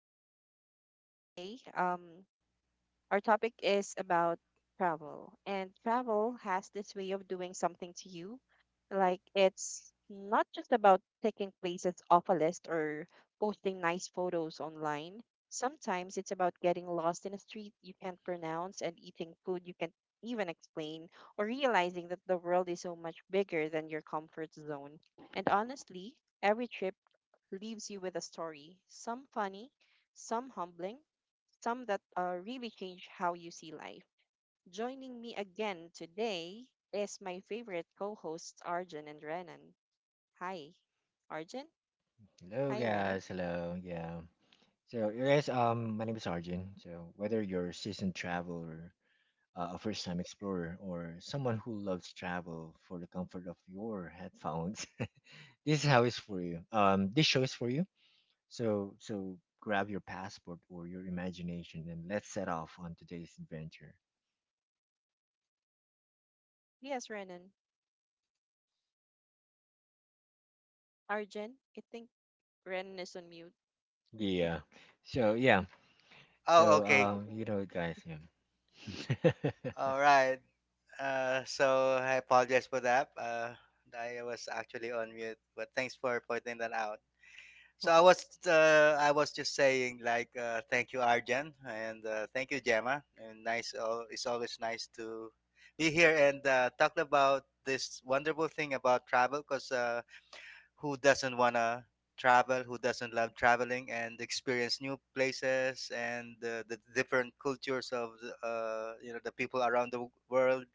to our podcast. And today, our topic is about travel. And travel has this way of doing something to you. Like, it's not just about taking places off a list or posting nice photos online. Sometimes it's about getting lost in a street you can't pronounce and eating food you can't even explain, or realizing that the world is so much bigger than your comfort zone. And honestly, every trip leaves you with a story, some funny, some humbling, some that really change how you see life. Joining me again today is my favorite co hosts, Arjun and Renan. Hi, Arjun. Hello Hi, Renan. guys, hello, yeah. So you guys, my name is Arjun. So whether you're a seasoned traveler, a first-time explorer, or someone who loves travel for the comfort of your headphones, this is how it's for you. This show is for you. So grab your passport or your imagination and let's set off on today's adventure. Yes, Renan. Arjun, I think Renan is on mute. Yeah. So yeah. Oh, So okay. um, you know, guys, yeah. All right. So I apologize for that. I was actually on mute, but thanks for pointing that out. So I was just saying like, thank you, Arjan, and thank you, Gemma. And nice, it's always nice to be here and talk about this wonderful thing about travel, because who doesn't want to travel, who doesn't love traveling and experience new places and the different cultures of the you know the people around the world.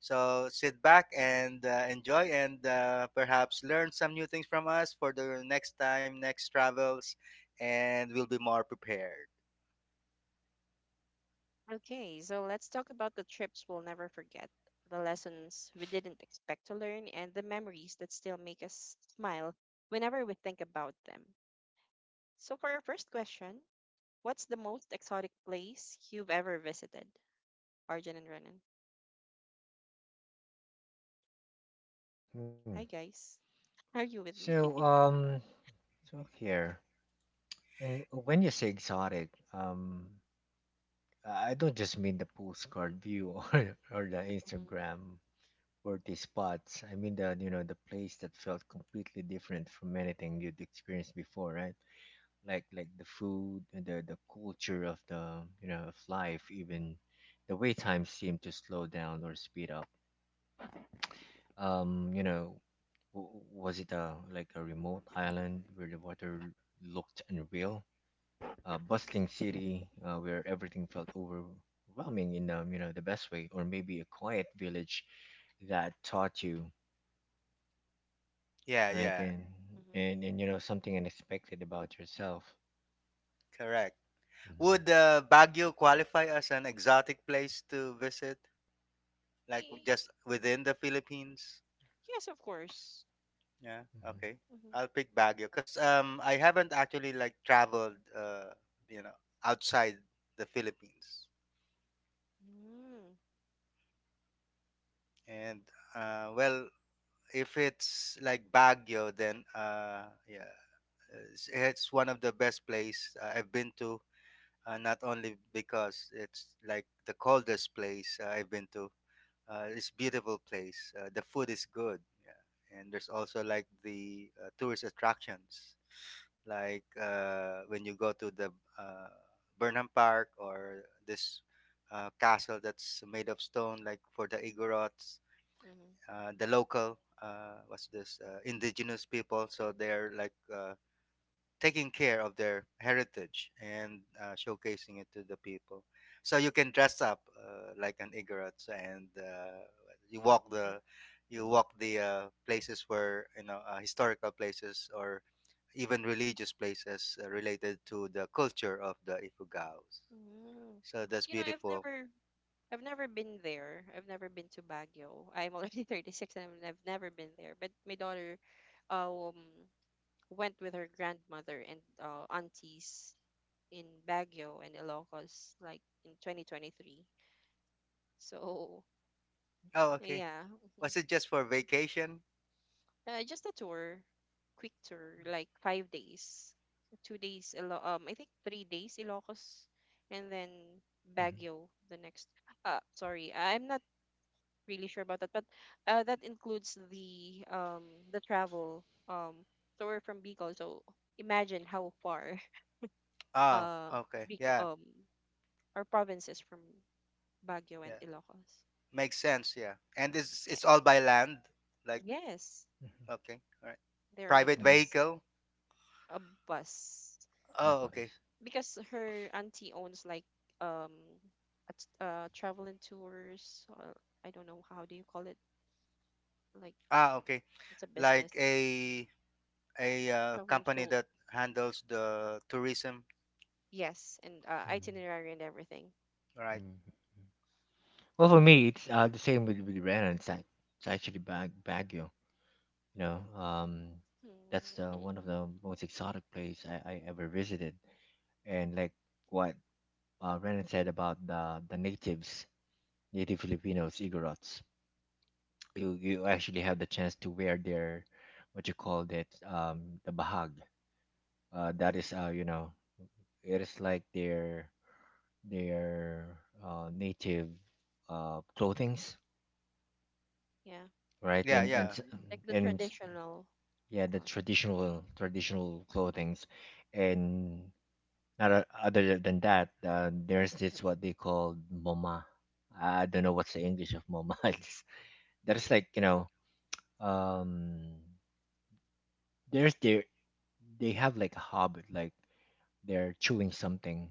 So sit back and enjoy and perhaps learn some new things from us for the next time, next travels, and we'll be more prepared. Okay, so let's talk about the trips we'll never forget, the lessons we didn't expect to learn, and the memories that still make us smile whenever we think about them. So, for our first question, what's the most exotic place you've ever visited? Arjun and Renan. Mhm. Hi, guys. Are you with me? So um, so here. And when you say exotic, I don't just mean the postcard view or, or the Hmm. Instagram worthy spots. I mean the you know the place that felt completely different from anything you'd experienced before, right? Like the food, and the culture of life, even the way time seemed to slow down or speed up. Um, you know, was it a remote island where the water looked unreal? A bustling city, where everything felt overwhelming in the best way, or maybe a quiet village that taught you, yeah right? yeah and Hmm. and and you know something unexpected about yourself. Correct. Mm-hmm. Would Baguio qualify as an exotic place to visit, like Eh, just within the Philippines? yes, of course. Yeah, Mm-hmm. okay. I'll Mm-hmm. pick Baguio because I haven't actually like traveled you know outside the Philippines. Mm. And well, if it's like Baguio, then yeah, it's one of the best place I've been to. Not only because it's like the coldest place I've been to. It's beautiful place. The food is good. Yeah. And there's also like the tourist attractions, like when you go to the uh, Burnham Park or this castle that's made of stone, like for the Igorots, Mm-hmm. The local. What's this indigenous people, so they're like taking care of their heritage and showcasing it to the people. So you can dress up like an Igorot and you walk Yeah. the Mm-hmm. Places where you know historical places or even religious places related to the culture of the Ifugaos. Mm. So that's You know, beautiful. I've never been there. I've never been to Baguio. I'm already 36 and I never been there. But my daughter, um, went with her grandmother and aunties in Baguio and Ilocos, like in 2023. So Oh, okay. yeah. Mhm. Was it just for vacation? Just a tour, quick tour, like 5 days, 2 days, I think 3 days Ilocos, and then Baguio the next. Sorry, I'm not really sure about that, but that includes the travel tour from Bicol. So imagine how far Oh, uh okay. Bicol Yeah, our province is from Baguio and yeah. Ilocos. Makes sense. Yeah. And this, Yeah. it's all by land. Like, Yes, Mm-hmm. okay, all right. they're on a Private Mm-hmm. Mm. bus. vehicle. A bus. The Oh, okay. buzz. Because her auntie owns like um a travel and tours, I don't know how do you call it, like Ah, okay. it's a business, Like a a travel and company tour, that handles the tourism, yes, and Mm-hmm. itinerary and everything. right? Mm-hmm. Well, for me, it's the same with Rena. It's like it's actually Baguio. You know, Mhm. that's one of the most exotic place I ever visited, and like what, Renan said about the natives, native Filipinos, Igorots. You actually have the chance to wear their, what you call that, the bahag. That is you know it is like their native clothings, Yeah, right? Yeah, yeah. Like the And s- traditional yeah, the cloth. traditional traditional clothings, and not other than that, there's this what they call moma. I don't know what's the English of moma. It's that is like you know um there's, their, they have like a habit, like they're chewing something.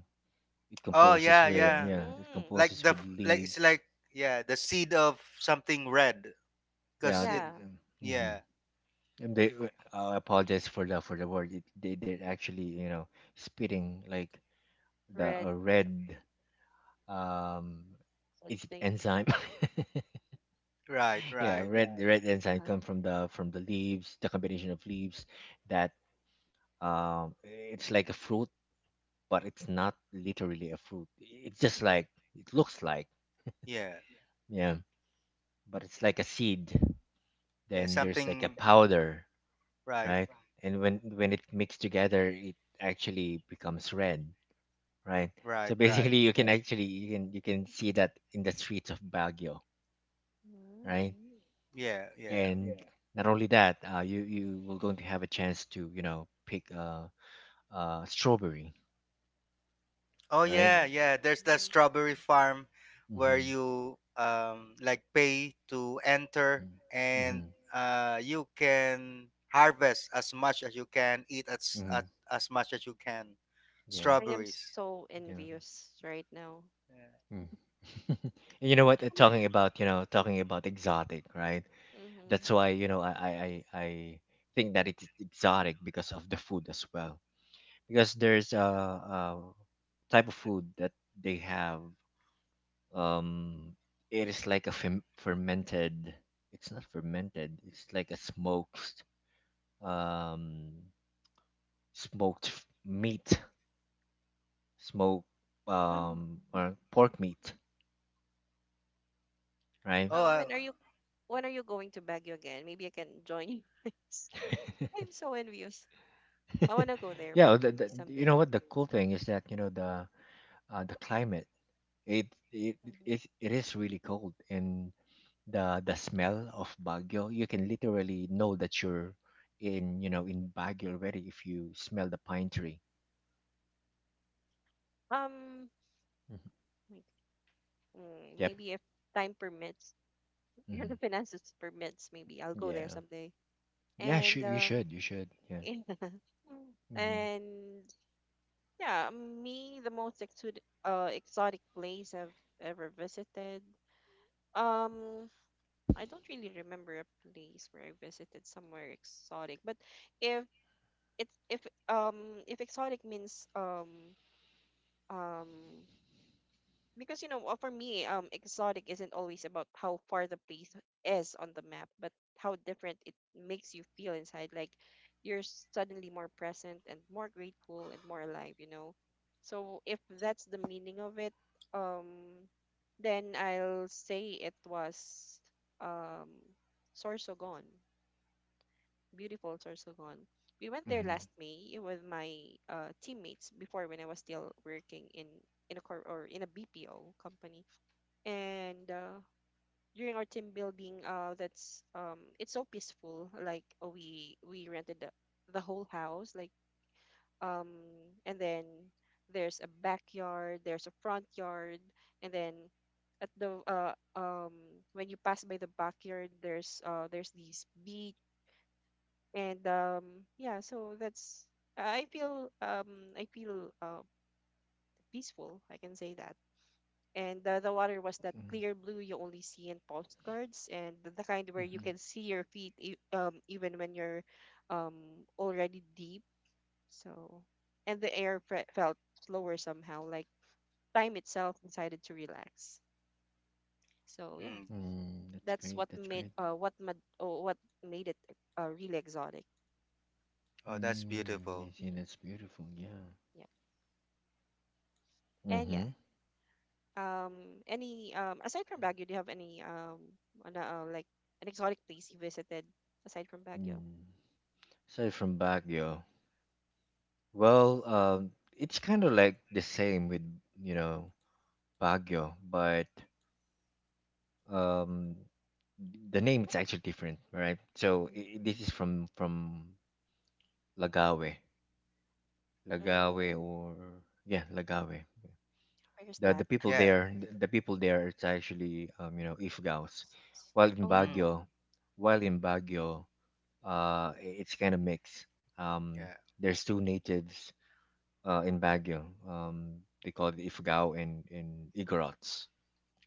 It Oh, composes, yeah, oh, yeah, with, yeah. yeah, it Mm, composes with Like it's leaves, like, yeah, the seed of something red yeah, because that, it, yeah, mm. yeah, And they, I apologize for the, for the word, they, they're actually, you know, spitting like the, red, a some- red, um is it something. enzyme? right, Yeah, right. red. Yeah, red enzyme Uh-huh. come from the, from the leaves, the combination of leaves, that, it's like a fruit, but it's not literally a fruit. It's just like, it looks like, Yeah. yeah, but it's like a seed. Yeah, Then there's like a something, powder, right, right? And when it mixed together, it actually becomes red, right? So right, right. basically, you can actually, you can, you can see that in the streets of Baguio, Mm. right? Yeah, yeah. And yeah, not only that, you, you will going to have a chance to, you know, pick, strawberry, Oh right? yeah, yeah. There's that Mhm. strawberry farm where Mm-hmm. you like pay to enter Mm-hmm. and Mm-hmm. You can harvest as much as you can, Mm-hmm. As much as you can. Yeah. I am Strawberries. so Yeah. envious right now. Yeah. Mm. And you know what? Talking about, you know, talking about exotic, right? Mm-hmm. That's why, you know, I think that it's exotic because of the food as well. Because there's a type of food that they have. Um, it is like a fem fermented. It's not fermented. It's like a smoked, um, smoked f- meat, smoked, or pork meat, right? Oh, Oh, I, when are you, when are you going to Baguio again? Maybe I can join you guys. I'm so envious. I want to go there, but Yeah, the, maybe you someday. know what the cool thing is that, you know, the, the climate, it it, Mhm. it is really cold, and the smell of Baguio, you can literally know that you're in, you know, in Baguio already if you smell the pine tree. Um, Hmm. like, mm, Yep. maybe if time permits, or Hmm. the finances permits, maybe I'll go there Yeah, someday. yeah, And sure, you should you should yeah. yeah. Mm-hmm. And yeah, me, the most exotic exotic place I've ever visited. Um, I don't really remember a place where I visited somewhere exotic, but if it's if exotic means um because you know for me exotic isn't always about how far the place is on the map, but how different it makes you feel inside, like you're suddenly more present and more grateful and more alive, you know. So if that's the meaning of it, um, then I'll say it was, um, Sorsogon. Beautiful Sorsogon. We went there Mm-hmm. last May with my teammates before, when I was still working in a cor- or in a BPO company. And during our team building, that's it's so peaceful. Like uh, we rented the whole house, like, um, and then there's a backyard, there's a front yard, and then at the when you pass by the backyard, there's these beach, and um, yeah, so that's, I feel peaceful, I can say that. And the water was that Mm-hmm. clear blue you only see in postcards, and the kind where you Mm-hmm. can see your feet even when you're um already deep. So and the air felt slower somehow, like time itself decided to relax. So yeah, mm, Mm, that's that's great, what that's made great what mad- oh, what made it really exotic. oh, that's Mm, I beautiful. see, that's beautiful, yeah. Yeah. And yeah. Mm-hmm. Any aside from Baguio, do you have any like an exotic place you visited aside from Baguio? Mm. Aside from Baguio, well, it's kind of like the same with, you know, Baguio, but, um, the name is actually different, right? So, i- this is Mm-hmm. from, from Lagawe, Lagawe, Mm, or yeah, Lagawe. where's The, that? Yeah. The people there, it's actually, you know, Ifgaos. While in Mm, Oh. Baguio, while in Baguio, I- it's kind of mixed. Um, yeah. there's two natives, in Baguio. They call it Ifugao and Igorots.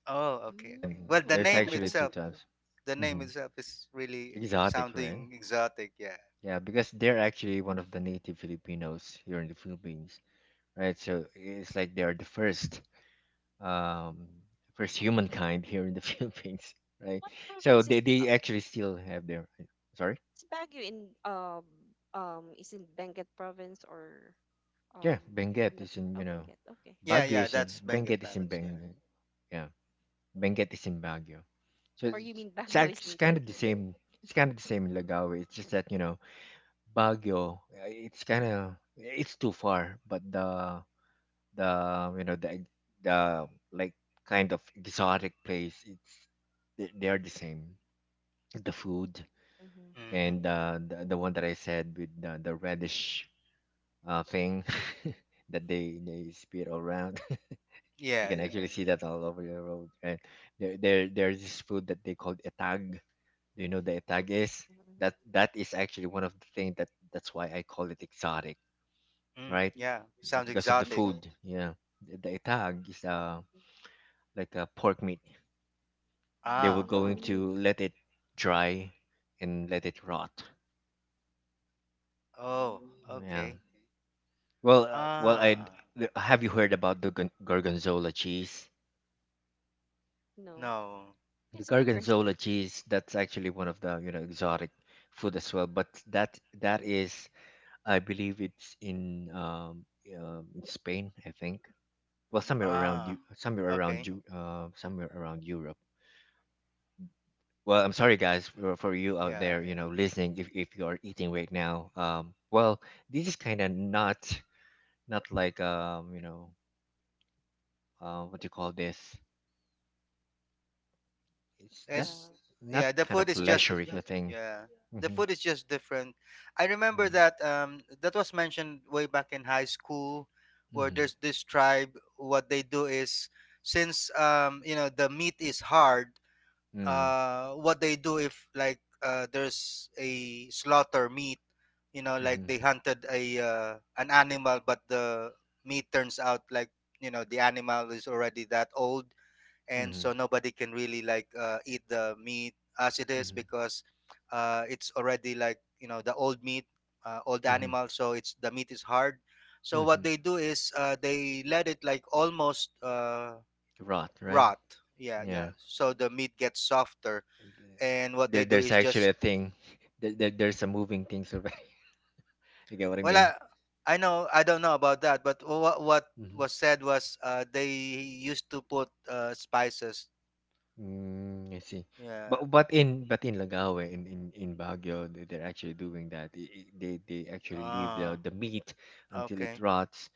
Oh, okay, Right? okay. Well, the Mm. There's name actually two itself, types. the name Hmm. itself is really Exotic, right? sounding exotic. Yeah. Yeah, because they're actually one of the native Filipinos here in the Philippines, right? So it's like they are the first, um, first humankind here in the Philippines, right? What So province they actually still have their, sorry, is Baguio in is in Benguet province or yeah, um, I- I'm Benguet not is sure. in, Oh, you know, Benguet. Okay. Yeah, Baguio yeah. is in That's Benguet Benguet, is in Province. Yeah. Benguet, yeah, Benguet is in Baguio. So Or you mean it's, Baguio act- is it's in kind of the Benguet? same. It's kind of the same in Lagawi. It's just that, you know, Baguio, it's kind of, it's too far, but the you know the like kind of exotic place. It's, they are the same. The food Mhm. Mm-hmm. and, the one that I said with the reddish, thing that they spit all around. You Yeah, can yeah. actually see that all over the road. And there, there's this food that they called etag. Do you know the etag is? Mhm. That, that is actually one of the things that, that's why I call it exotic, Mm, right? yeah, sounds Mhm. Because of the exotic. food. Yeah, the etag is, Mhm. like a pork meat. They were Ah, Mhm. going to let it dry and let it rot. Mm. oh, Yeah. Mm. okay. Well, well, I, Ah, have you heard about the gorgonzola cheese? No. no. The It's my first time. gorgonzola cheese, that's actually one of the, you know, exotic food as well, but that, that is, I believe it's in, in Spain, I think. Well, somewhere Mm. around you, Ah, okay. Somewhere around Europe. Well, I'm sorry, guys, for you out Yeah, there, you yeah. know, listening. If you are eating right now, well, this is kind of not, not like, you know, what do you call this? It's Uh, that It's not yeah. The kind food of is just pleasuring the thing. yeah. The Mm-hmm. food is just different. I remember Yeah. that that was mentioned way back in high school, where Mm-hmm. there's this tribe. What they do is, since you know, the meat is hard, Mm-hmm. What they do if like there's a slaughter meat, you know, like Mm-hmm. they hunted a an animal but the meat turns out like, you know, the animal is already that old, and Mm-hmm. so nobody can really like eat the meat as it is, Mm-hmm. because it's already like, you know, the old meat, old Mm-hmm. animal, so it's, the meat is hard, so what Mm-hmm. they do is, they let it like almost Rot, right? rot, yeah, yeah, Yeah. so the mm. meat gets softer, and what There, they do there's is actually just, a thing, there, there's a moving things already. You get what I well, mean? I know, I don't know about that, but what Mm-hmm. was said was, they used to put spices. Mm, I see. but Yeah. but in, but in Lagawe, in, in Baguio, they- they're actually doing that, i- I- they actually leave Ah, the meat until it okay. rots,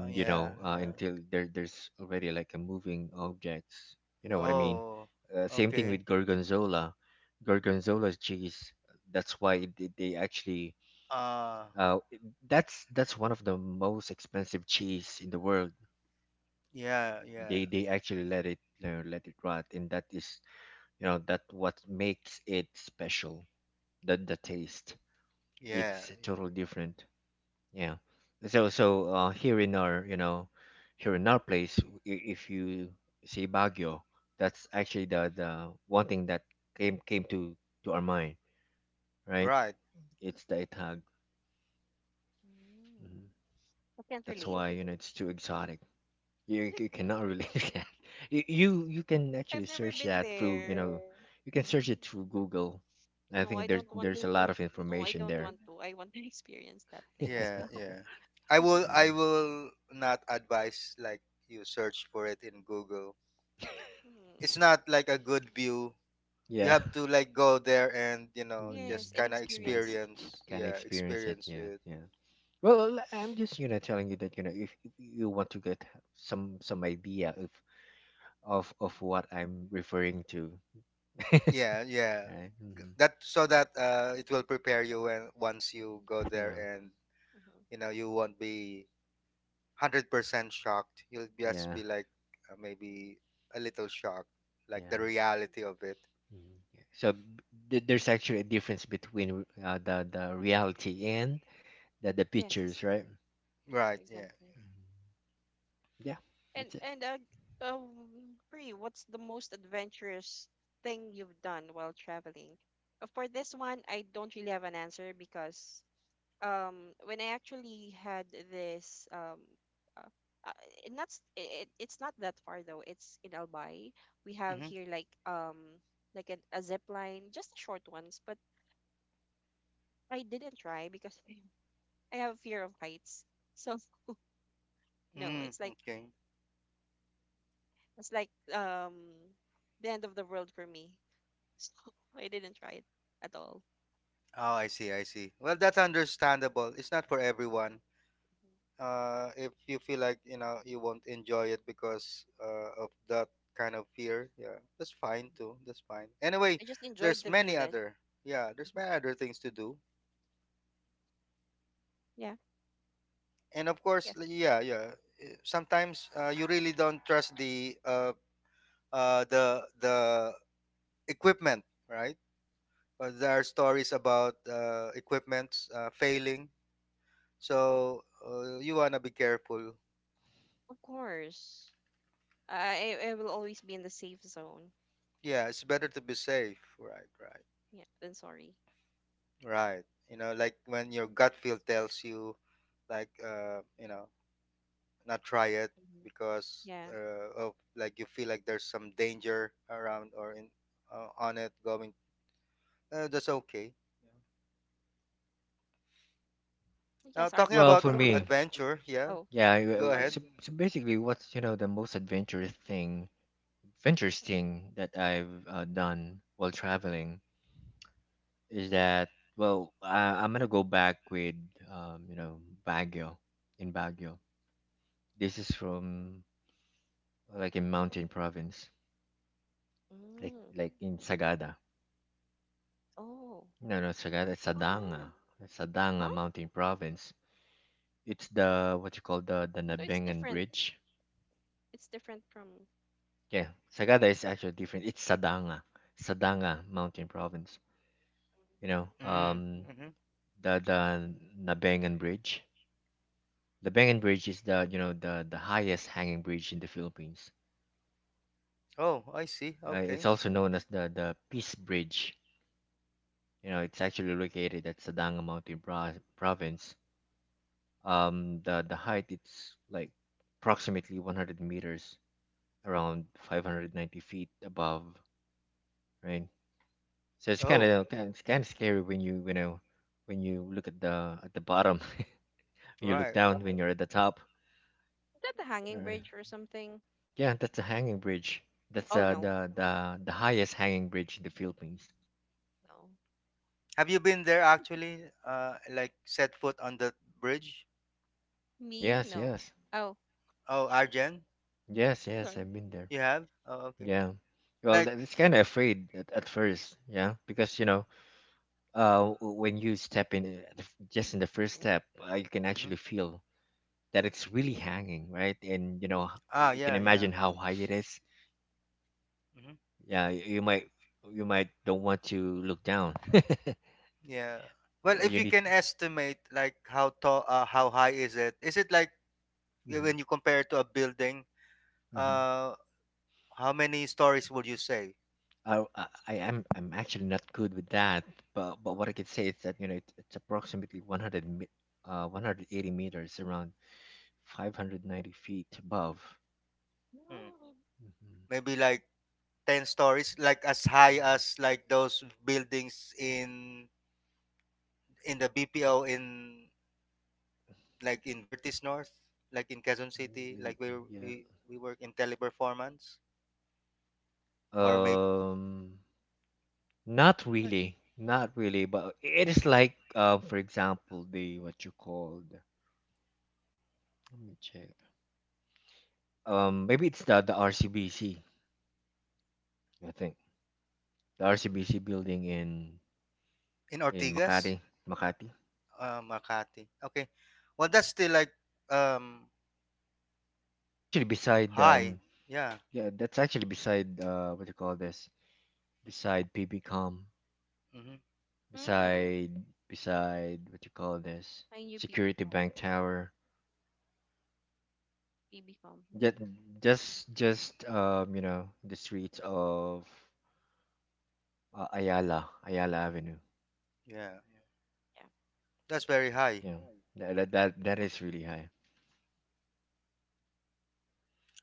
Oh you yeah, know, yeah. until there, there's already like a moving objects, you know what I mean? Oh, Same thing okay. with gorgonzola, gorgonzola's cheese, that's why they actually, Ah, Uh, it- that's one of the most expensive cheese in the world. yeah, yeah, They actually let it, you know, let it rot, and that is, you know, that what makes it special. The taste, yeah, it's totally different. Yeah. So so, here in our, you know, here in our place, I- if you say Baguio, that's actually the one thing that came, came to our mind, right? right, It's the itag. Hmm. I can't That's relate. why, you know, it's too exotic. You I you cannot cannot relate. really do that. You, you you can I've actually never search been that through, you there. know, you can search Mm. it through Google. I No, think I there's don't want, there's a lot of no, I information don't there. want to. I want to experience that thing as yeah, well. yeah. I will I Mm, will not advise like you search for it in Google. It's Mm. not like a good view. You yeah. have to like go there and you know Mm, Yes, just and kind of yeah. experience. experience, Can yeah, Hmm. experience it. experience Yeah. it. Yeah. Well, l- I'm just, you know, telling you that, you know, if you want to get some idea of what I'm referring to. Yeah, yeah. Right? Mhm. That, so that it will prepare you when once you go there Yeah. and you Hmm. know you won't be 100% shocked, you'll just Yeah. be like, maybe a little shocked, like the Yeah. reality of it. Mhm. Yeah. So, b- th- there's actually a difference between, the reality and the pictures, Yes, right? Right, yeah, exactly. Mhm. Yeah, that's it. And um, Pri, what's the most adventurous thing you've done while traveling? For this one, I don't really have an answer, because when I actually had this uh, uh, it not s- it, it's not that far though. It's in Albay. We have mm-hmm. here like a zip line, just the short ones, but I didn't try because I have fear of heights. So no, Mm, it's like okay. it's like, um, the end of the world for me. So I didn't try it at all. Oh, I see, I see. Well, that's understandable. It's not for everyone. Mhm, If you feel like, you know, you won't enjoy it because of that kind of fear, yeah, that's fine mhm. too, that's fine anyway. I just enjoyed There's the view many then. other Yeah, there's Mhm. many other things to do, Yeah. and of course, Yes. Yeah, yeah. Eh, sometimes you really don't trust the equipment, right? There are stories about equipment failing, so you want to be careful. Of course. I will always be in the safe zone. Yeah, it's better to be safe, right, right. Yeah, then sorry. Right. You know, like when your gut feel tells you, like, you know, not try it Hmm. because Yeah. Of, like, you feel like there's some danger around or in, on it going. That's okay. Now Yes, talking Arjun. Well, about for me, adventure, yeah. Oh, yeah, I- Go sorry. ahead. so, so basically, what's, you know, the most adventurous thing that I've, done while traveling is that, well, I, I'm gonna go back with, you know, Baguio, in Baguio. This is from, like in mountain province, like Mm. like in Sagada. Oh. No, no, Sagada, it's Adanga. Ah. It's Adanga Huh? Mountain Province. It's the, what you call, the So it's Nabengan different. Bridge. It's different from. Yeah, Sagada is actually different. It's Sadanga, Sadanga Mountain Province. You Mhm. know, Mm, mm-hmm. the Nabengan Bridge. The Bengan Bridge is the, you know, the highest hanging bridge in the Philippines. Oh, I see. It's Okay. also known as the Peace Bridge. You know, it's actually located at Sadanga Mountain Pro- Province. The height, it's like approximately 100 meters, around 590 feet above, right? So it's kind Oh, of, it's kind of scary when you know, when you look at the, at the bottom, you look right. down when you're at the top. Is that the hanging Right. bridge or something? Yeah, that's a hanging bridge. That's, Oh no, the highest hanging bridge in the Philippines. no. Have you been there actually? Like, set foot on the bridge? Mm, Me yes, no. yes, Oh, Oh, Arjen, yes, yes, sorry. I've been there. you have? Oh, okay. Yeah. Well, Like, that- it's kind of afraid at first, yeah, because you know, w- when you step in, the f- just in the first step, you can mhm, actually feel that it's really hanging, right? And you know, ah, h- you can yeah, imagine yeah. how high it is. Mm-hmm. Yeah, you might you might don't want to look down. Yeah. Well, Or if you you need. can estimate like how tall, how high is it? Is it like, Mhm, when you compare it to a building? mhm. Uh, how many stories would you say? I'm actually not good with that, but what I can say is that you know it's approximately 180 meters around 590 feet above. Hmm. No. Mhm. Maybe like ten stories, like as high as like those buildings in the BPO in, like, in Vertis North, like in Quezon City, Um, like where Yeah. we work in teleperformance, or maybe Um. Not Or, really, not really, but it is like, for example, the what you called. Let me check. Maybe it's the RCBC. I think the RCBC building in in Ortigas, Makati, Makati. Makati. Okay, well that's still like, um It's actually beside high, yeah. yeah, that's actually beside what you call this? Beside PBCom, Mm-hmm. mm. beside beside what you call this? I knew Security BBcom. Bank Tower. PBCom. Just Mm. just you know, the streets of Ayala, Ayala Avenue. Yeah, Yeah. that's very high. Yeah, that is really high.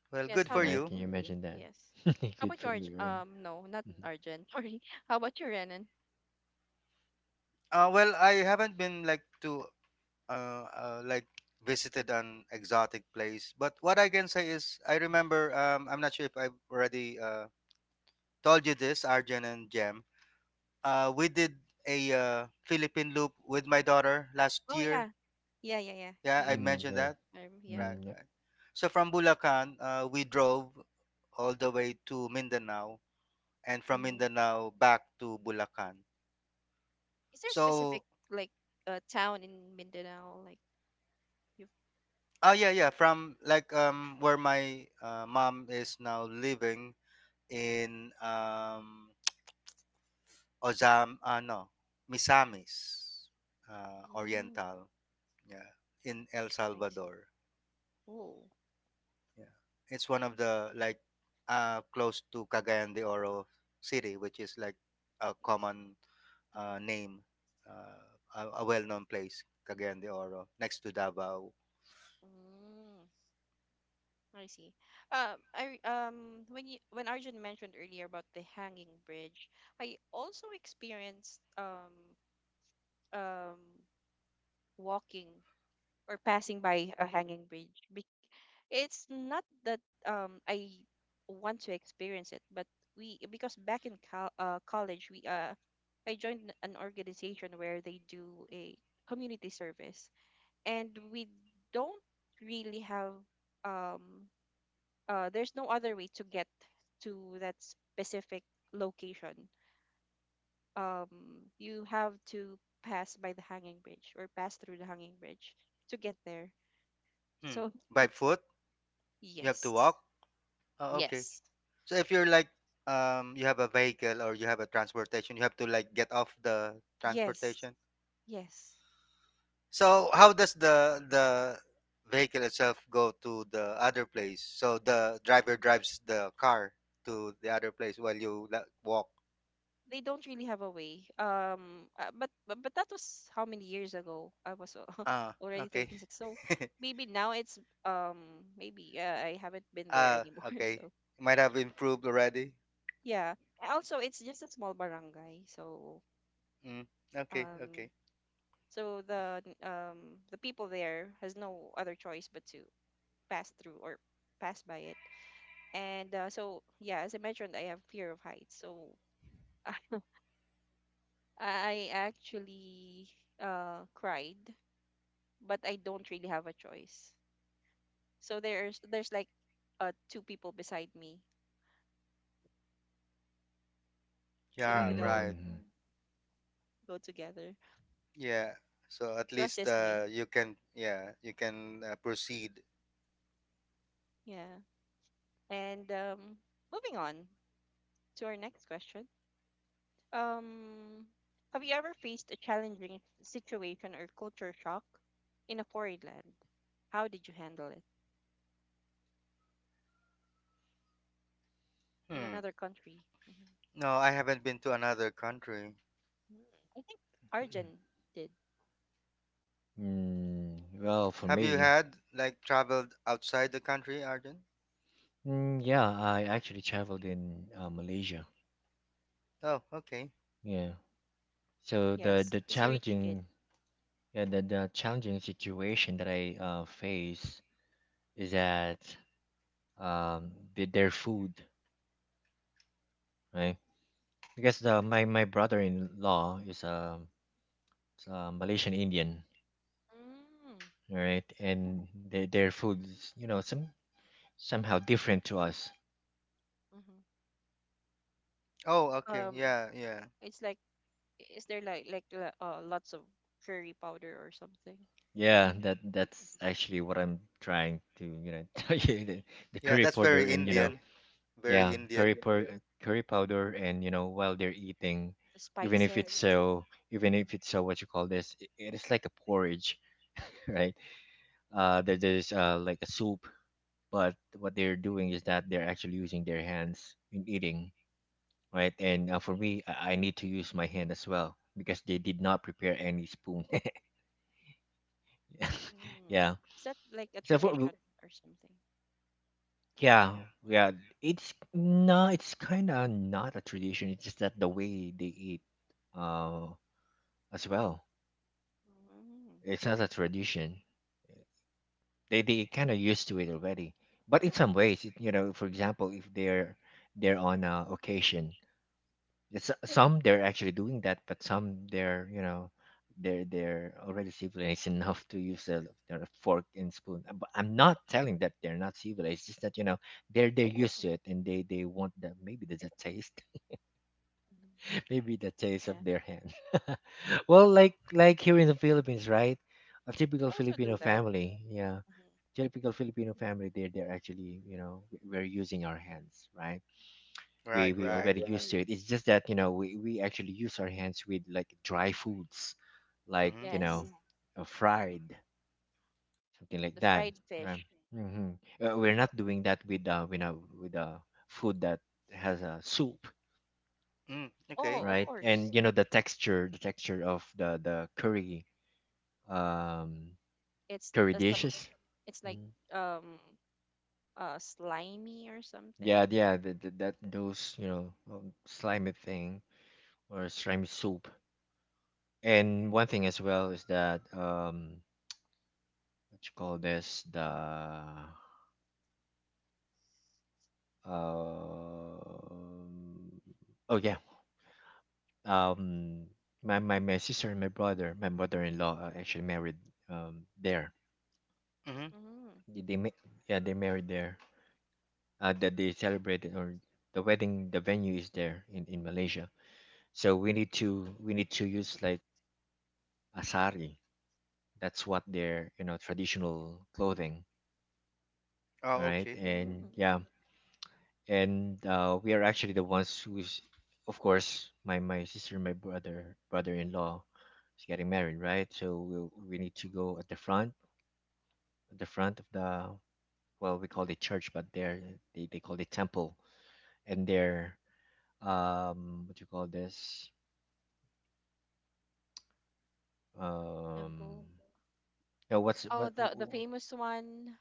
Well, Yes. good How for about Right? Can you. you imagine that? yes? How Good about for your me, right? um? No, not Mm-hmm. Arjun. Sorry. How about your Renan? Well, I haven't been like to like visited an exotic place, but what I can say is I remember. I'm not sure if I've already told you this, Arjun and Jem. We did a Philippine loop with my daughter last Oh year. yeah. Yeah, yeah, yeah. Yeah, I You. Mm, mentioned yeah. that. Yeah. Right, Mm, yep. right. So from Bulacan, we drove all the way to Mindanao, and from Mm-hmm. Mindanao back to Bulacan. Is there a specific So, like town in Mindanao like you? oh yeah, yeah. From like where my mom is now living in Ozam no Misamis Mm, Oriental. Yeah, in El I see. Salvador. Oh, Yeah, it's one of the like close to Cagayan de Oro city, which is like a I common see. Mm-hmm. name, uh, a well-known place, Cagayan de Oro, next to Davao. Mm, I see. I when you when Arjun mentioned earlier about the hanging bridge, I also experienced um walking or passing by a hanging bridge. It's not that I want to experience it, but we, because back in college we I joined an organization where they do a community service, and we don't really have um there's no other way to get to that specific location. Um, you have to pass by the hanging bridge or pass through the hanging bridge to get there. Hmm. So By foot, you have to yes, walk. Oh, okay. yes, So if you're like, you have a vehicle or you have a transportation, you have to like get off the yes. transportation. Yes. So how does the vehicle itself go to the other place? So the driver drives the car to the other place while you, like, walk. They don't really have a way. But that was how many years ago? I was Ah, already okay. 36. So maybe now it's um, maybe I haven't been there Ah, anymore. okay. So Might have improved already. yeah. And also, it's just a small barangay. So Mm, okay, um okay. so the n- um the people there has no other choice but to pass through or pass by it. And so yeah, as I mentioned, I have fear of heights. So I actually cried, but I don't really have a choice. So there's like two people beside me, so we Yeah, could all right. Mm-hmm. go together Yeah. So at to least assist me. You can, yeah, you can proceed. Yeah. And moving on to our next question. Um, have you ever faced a challenging situation or culture shock in a foreign land? How did you handle it in Hmm. another country? Mhm. No, I haven't been to another country. Mm, I think Arjun did. Mm, well, for Have you me, had like traveled outside the country, Arjun? mm, yeah, I actually traveled in Malaysia. Oh, okay. Yeah. So Yes, he's a rich kid. Yeah, the challenging situation that I face is that their food, right? Because the my my brother-in-law is a Malaysian Indian, Mm. all right? And their food is, you know, somehow different to us. Hmm. Oh, okay. Um, Yeah, yeah. it's like, is there like lots of curry powder or something? Yeah, that Mhm. that's actually what I'm trying to, you know, tell you the Yeah, curry that's powder very and you know, Indian. Very yeah, Indian. Curry powder, and you know, while they're eating, The even if spices. it's so, even Mhm. if it's so, what you call this, it is like a porridge, right? There's like a soup, but what they're doing is that they're actually using their hands in eating, right? And for me, I need to use my hand as well because they did not prepare any spoon. Mm. Yeah. Is that like a So for w- tradition or something? yeah, yeah, it's no, it's kind of not a tradition. It's just that the way they eat, uh, as well. Mm. It's not a tradition. They kind of used to it already. But in some ways, it, you know, for example, if they're on a occasion. Some they're actually doing that, but some they're you know they're already civilized enough to use a, their fork and spoon. But I'm not telling that they're not civilized. It's just that you know they're used to it and they want that maybe the taste, Mhm. maybe the taste Yeah, of their hand. Well, like here in the Philippines, right? A typical we also do Filipino that. family, yeah, Mhm. typical Filipino family. They're actually you know we're using our hands, right? we Right, we right. already used to it, it's just that you know we actually use our hands with like dry foods, like Mhm. you know Yes, fried something like the that, fried right. fish. Mm-hmm. We're not doing that with you know with food that has a soup, Mm, Oh, okay. of right. course. And you know the texture, the texture of the curry, um It's curry some. dishes. It's like, Mhm. um, slimy or something. Yeah, yeah, that, those you know, slimy thing or slimy soup. And one thing as well is that what you call this? The um oh yeah, um my my sister and my brother, my mother-in-law actually married there. Mhm. Mm. they, they ma- yeah, they married there. That they celebrated, or the wedding, the venue is there in Malaysia. So we need to, we need to use like asari. That's what their, you know, traditional clothing, all Oh, right? okay. And Mm. yeah, and we are actually the ones who's, of course my my sister and my brother-in-law is getting married, right? So we need to go at the front, at the front of the, well we call it church, but there they call it temple. And their what do you call this, um Temple. no what's Oh, what the famous one,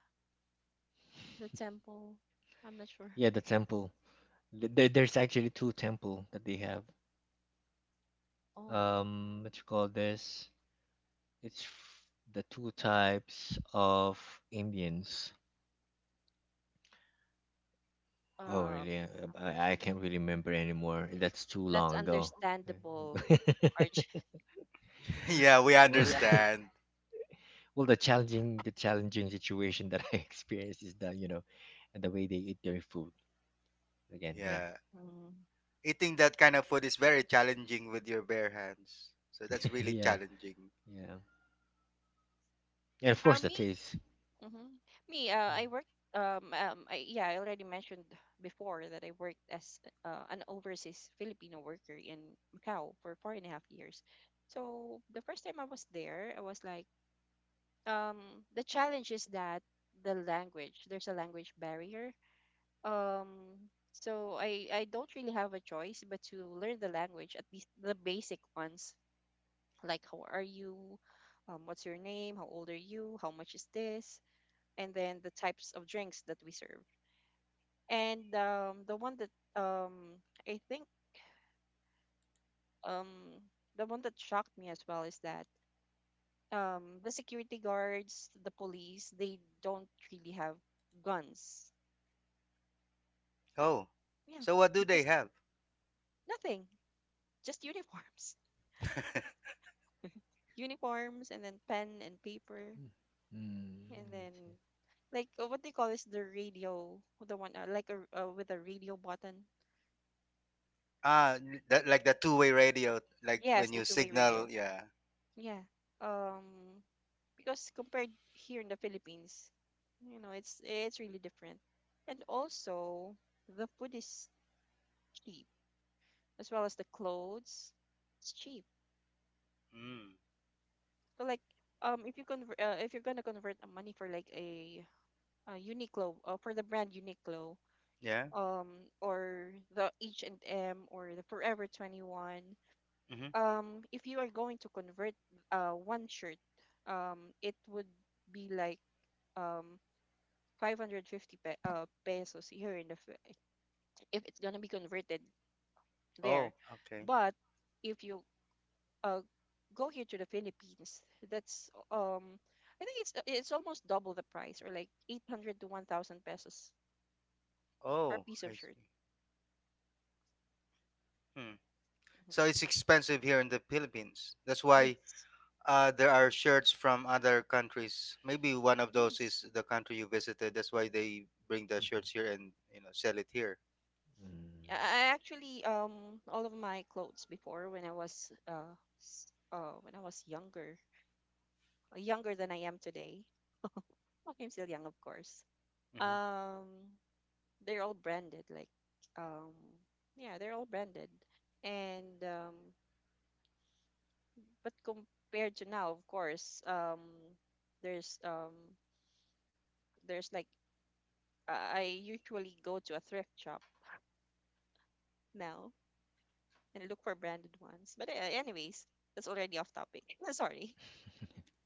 the temple. I'm not sure. yeah, the temple. There's actually two temple that they have. Oh, What you call this? It's f- the two types of Indians. Oh, um, really? I'm not I sure. can't really remember anymore. That's too That's long ago. understandable, Arch. yeah, we Well, understand. well, the challenging situation that I experienced is the, you know, and the way they eat their food. Again, yeah, Yeah. Mm. Eating that kind of food is very challenging with your bare hands. So that's really yeah, challenging. yeah, and of course the Me, taste. hmm, me. Mm, I worked. Yeah, I already mentioned before that I worked as an overseas Filipino worker in Macau for 4.5 years. So the first time I was there, I was like, the challenge is that the language. There's a language barrier. So I don't really have a choice but to learn the language, at least the basic ones like how are you, what's your name, how old are you, how much is this, and then the types of drinks that we serve. And um, i think um, the one that shocked me as well is that, the security guards, the police, they don't really have guns. Oh. Yeah. So what do they Because have? nothing, just uniforms. Uniforms and then pen and paper. mm, And mm, then, let's see. like, what they call is the radio, the one like a with a radio button. Ah, that, like the two-way radio, like Yes, when the you two-way signal, radio. yeah. Yeah. Um, because compared here in the Philippines, you know, it's really different. And also, the food is cheap, as well as the clothes. It's cheap. Mm. So like, if you're gonna convert money, for the brand Uniqlo, Yeah. um or the H&M or the Forever 21. Mm-hmm. If you are going to convert one shirt, it would be like um 550 pesos here in the if it's going to be converted Oh, there. okay. But if you uh go here to the Philippines, that's I think it's almost double the price, or like 800 to 1,000 pesos per Oh, piece of I shirt. see. Hmm. Mhm. So it's expensive here in the Philippines. That's why Yes, there are shirts from other countries. Maybe one of those yes. is the country you visited. That's why they bring the Mhm, shirts here and you know sell it here. mm. I actually, all of my clothes before, when I was s- younger, younger than I am today. Like, I'm still young, of course. Mm-hmm. Um, they're all branded. Like, um, yeah, they're all branded. And but compared to now, of course, there's um there's like I usually go to a thrift shop now and look for branded ones. But anyways, that's already off topic. Sorry.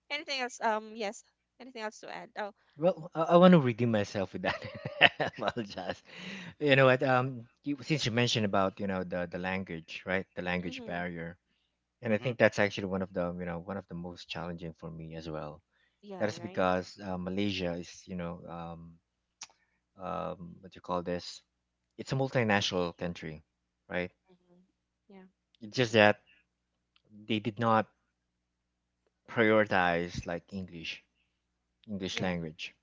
Anything else? Yes. Anything else to add? Oh. Well, I want to redeem myself with that. I apologize. You know what? Since you mentioned about you know the language, right? The language Mm-hmm. barrier, and I Mm-hmm. think that's actually one of the you know one of the most challenging for me as well. That Yeah, is right. because Malaysia is you know what you call this? It's a multinational country, right? Mm-hmm. Yeah, It's just that they did not prioritize like English, English yeah. language.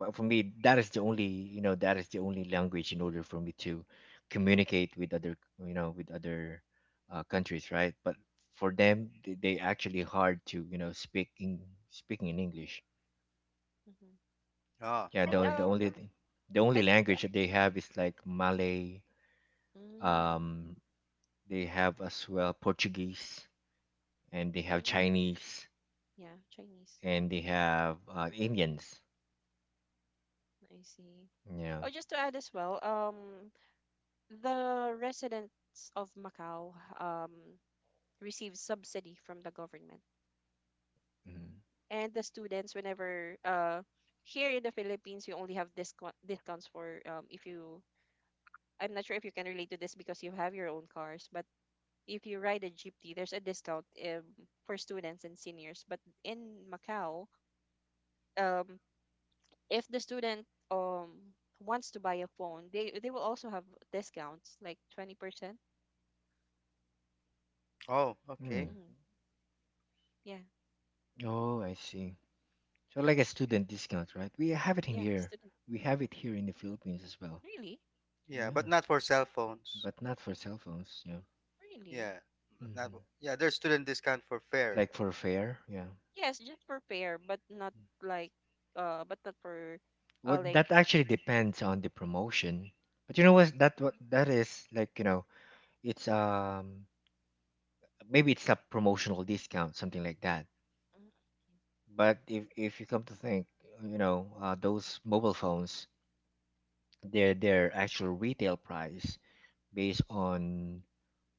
But for me, that is the only you know that is the only language in order for me to communicate with other you know with other countries, right? But for them, they actually hard to you know speaking in English. Mm-hmm. Ah, Yeah, And okay. The only I just to language that they have is like Malay. mm, Um, they have as well Portuguese, and they have mm, Chinese, yeah, Chinese. and they have Indians. I see. Yeah. Oh, just to add as well, the residents of Macau um receive subsidy from the government, Mm. and the students, whenever here in the Philippines you only have discounts for, if you — I'm not sure if you can relate to this because you have your own cars, but if you ride a jeepney, there's a discount, for students and seniors. But in Macau, um, if the student wants to buy a phone, they will also have discounts like 20%. Oh, okay. Mm. Mm, yeah, Oh, I see. So like a student discount, right? We have it in yeah, here. student. We have it here in the Philippines as well. Really, Yeah, but Yeah, not for cell phones. but not for cell phones. Yeah. really. Yeah, not. Hmm. Yeah, there's student discount for fare. Like for fare. Yeah. Yes, just for fare, but not like but not for Well, like. that actually depends on the promotion. But you know what? That Mm. what that is like. You know, it's maybe it's a promotional discount, something like that. Mm. But if you come to think, you know, those mobile phones, their actual retail price based on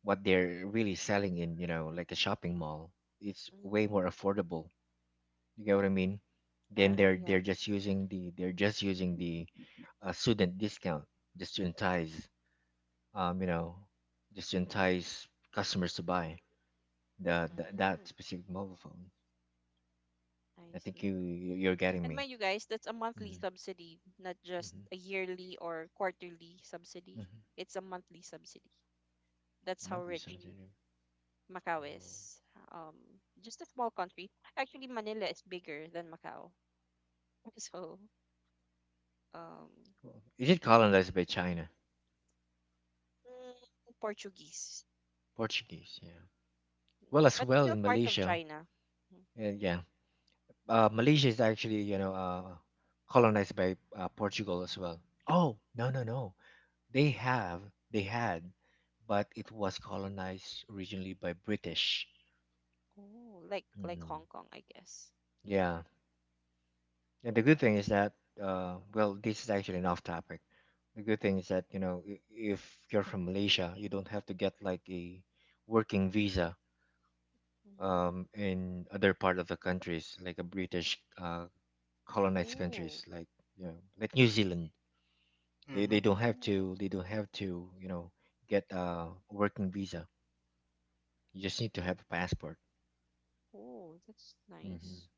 what they're really selling in, you know, like a shopping mall. It's Mm. way more Mm. affordable. You get what I mean? Then they're Yeah. they're just using the student discount just to entice you know just to entice customers to buy the that Mm, specific mobile phone. I I think see. You're getting And me. mind you guys, that's a monthly Hmm. subsidy, not just Hmm. a yearly or quarterly subsidy. Hmm. It's a monthly subsidy. That's how Monthly rich subsidy. Macau Oh, is. Um, just a small country. Actually, Manila is bigger than Macau. So, um, cool. Is it colonized by China? Portuguese, Portuguese, yeah. Well, as but well still in part of Malaysia, China. Mhm. Yeah. Malaysia is actually you know colonized by Portugal as well. Portuguese. Oh no no no, they have they had, but it was colonized originally by British. Oh, like Mm, Hong Kong, I guess. yeah, and the good thing is that well, this is actually an off topic. The good Mm-hmm. thing is that you know if you're from Malaysia, you don't have to get like a working visa Mm-hmm. In other part of the countries, like a British colonized Oh, countries like you know like New Zealand. They Mm-hmm. don't have oh, to. They don't have to. You know, get a working visa. You just need to have a passport. oh, that's Hmm. nice.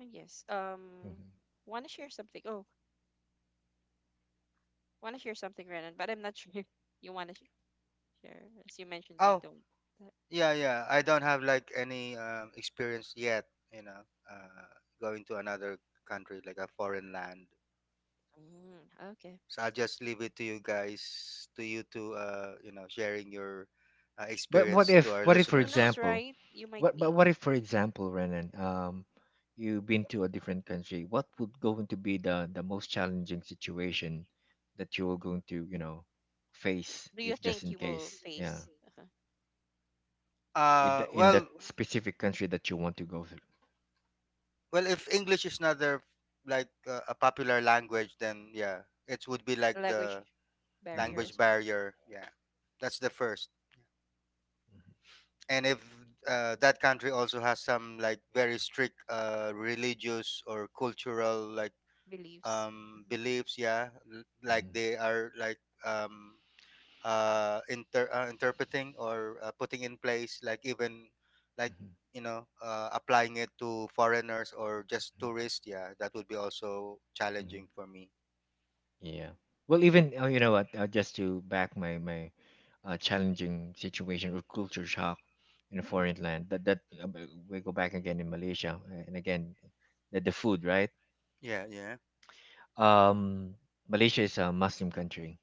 Yes. Hmm. Want to share something? Oh, want to share something, Renan, but I'm not sure if you want to sh share. As you mentioned, you Oh, don't. That, yeah, yeah. I don't have like any experience yet, you know, uh, going to another country like a foreign land. mm, okay. So I'll just leave it to you guys, to you know, sharing your But what experience to if? our What if, for Who listeners. knows, example, right? You might what? But be. what if, for example, Renan, you've been to a different country. What would going to be the most challenging situation that you are going to, you know, face Do you if just think in you will case, yeah, face Uh, in that well, specific country that you want to go through. well, if English is not their like a popular language, then yeah, it would be the like language the Hmm. barrier language as well? barrier. Yeah, that's the first. And if that country also has some like very strict religious or cultural like Beliefs. Mhm. beliefs, yeah, like Hmm. they are like um, interpreting or putting in place like even like Hmm. you know applying it to foreigners or just tourists, yeah, that would be also Hmm. challenging for me. Yeah. Well, even oh, you know what? Just to back my challenging situation or culture shock in a Hmm, foreign land. We go back again in Malaysia and again the food, right? yeah, yeah, Um, Malaysia is a Muslim country,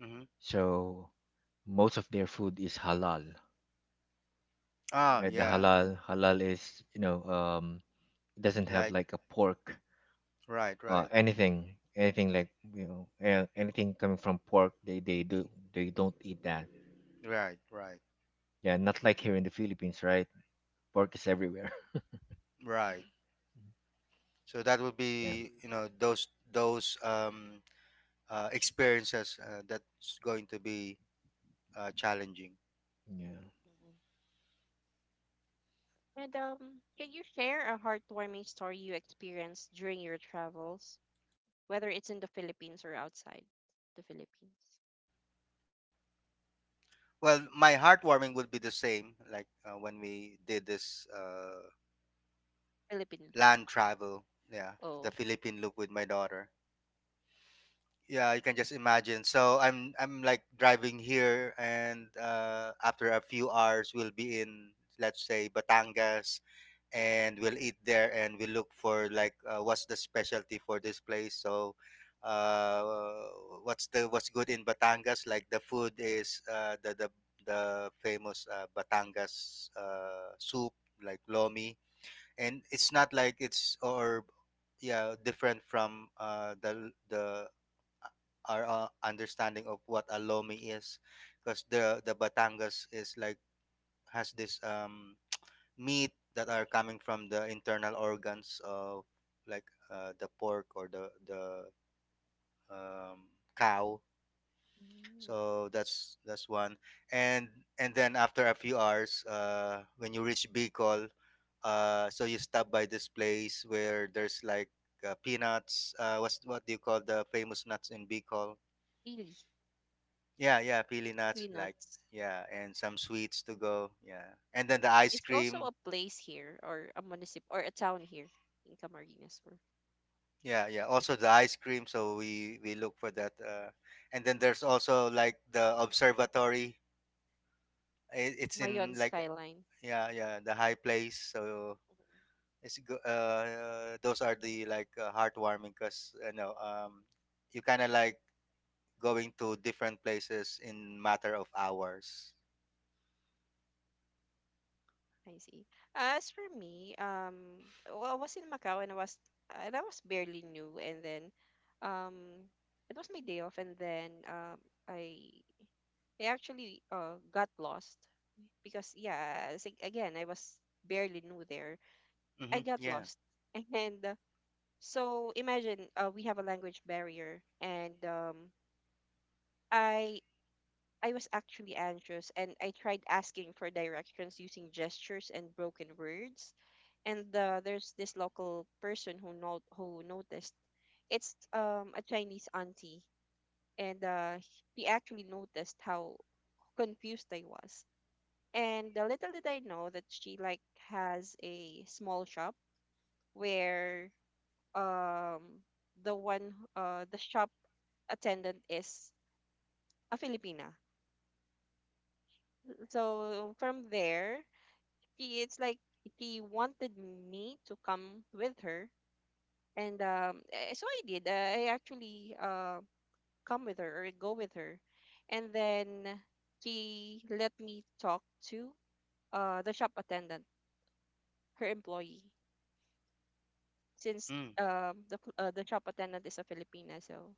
hmm, so most of their food is halal, ah, right? The yeah, Mm, halal, halal is you know it doesn't have like, like a pork right, right, anything, anything like you know anything coming from pork, they don't eat that. right, right, Yeah, not like here in the Philippines, right? Pork is everywhere. right. mhm, So that would Yeah. be you know those experiences that's going to be challenging. Mm. Yeah. mhm. And can you share a heartwarming story you experienced during your travels, whether it's in the Philippines or outside the Philippines? Well, my heartwarming would be the same like when we did this Philippine loop. land travel. Yeah, the Philippine loop with my daughter. Yeah, you can just imagine. So I'm like driving here, and after a few hours, we'll be in, let's say, Batangas, and we'll eat there, and we'll look for, like, what's the specialty for this place. So uh what's good in Batangas. Like, the food is the famous Batangas soup, like lomi. And it's not like it's, or, yeah, different from the uh, our understanding of what a lomi is, because the Batangas is, like, has this meat that are coming from the internal organs of, like, the pork or the um, cow. Oh. So that's one. And and then, after a few hours, when you reach Bicol, so you stop by this place where there's, like, peanuts. What do you call the famous nuts in Bicol? Really, Yeah, yeah, pili nuts, really like, nuts. yeah, and some sweets to go, yeah, and then the ice It's also cream. a place here, or a municip or a town here in Camarines, or — Yeah, yeah. Also the ice cream, so we look for that. And then there's also, like, the observatory. It's in, Mayon like, skyline. yeah, yeah, the high place. So Mhm, those are the, like, heartwarming, because you kind of, like, going to different places in matter of hours. I see. As for me, well, I was in Macau, and I was barely new. And then, um, it was my day off. And then I I actually got lost, because yeah, again, I was barely new there. I Mm-hmm. got Yeah. lost, and so imagine, we have a language barrier, and I I was actually anxious, and I tried asking for directions using gestures and broken words. And there's this local person who not who noticed. It's a Chinese auntie, and he actually noticed how confused I was. And little did I know that she like has a small shop, where um the shop attendant is a Filipina. So from there, she it's like she wanted me to come with her, and so I did. I actually, come with her, or go with her, and then she let me talk to the shop attendant, her employee, since Mm. The shop attendant is a Filipina. So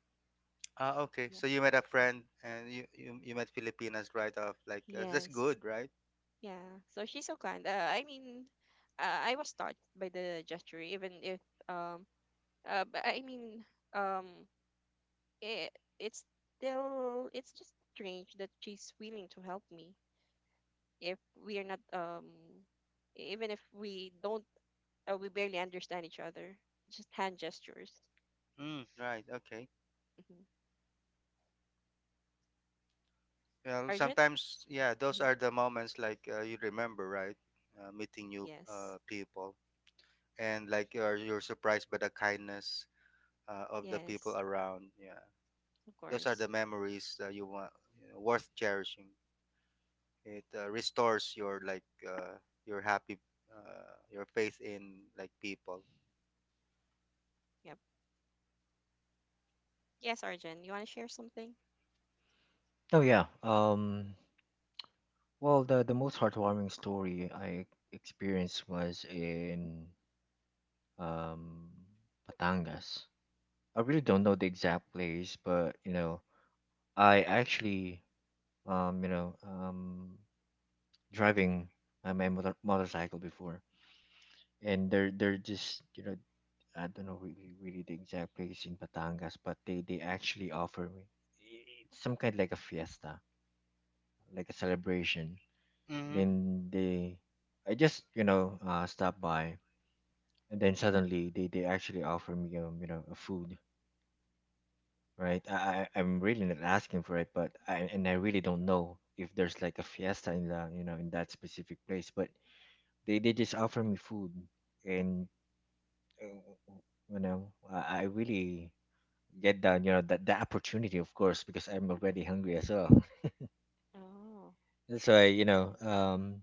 Ah, okay. yeah. So you met a Mhm. friend, and you met Filipinas right off. Like, that's Yes. good, right? Yeah, so she's so kind. I mean, I was touched by the gesture. Even if, um, but I mean, um, it, it's still, it's just strange that she's willing to help me, if we are not, even if we don't, we barely understand each other. Just hand gestures. Mm, right. Okay. Mm-hmm. Well, Arjun? sometimes, yeah, those Hmm. are the moments, like, you remember, right? Meeting new Yes, people, and, like, you're surprised by the kindness of the people yes, around. Yeah, of those are course. the memories that you want, worth cherishing. It restores your, like, your happy, your faith in, like, people. Yep. Yes, Arjun. You want to share something? Oh yeah. Well, the most heartwarming story I experienced was in um Patangas. I really don't know the exact place, but you know, I actually you know driving my motorcycle before, and there just you know I don't know really, really the exact place in Batangas, but they actually offer me, it's some kind like a fiesta, like a celebration. Mm-hmm. Mm-hmm. Then they, I just you know stop by, and then suddenly they actually offer me you know a food, right? I'm really not asking for it, but and I really don't know if there's like a fiesta in that specific place, but they just offer me food, and uh, I really get down, that the opportunity of course because I'm already hungry as well. Oh, That's why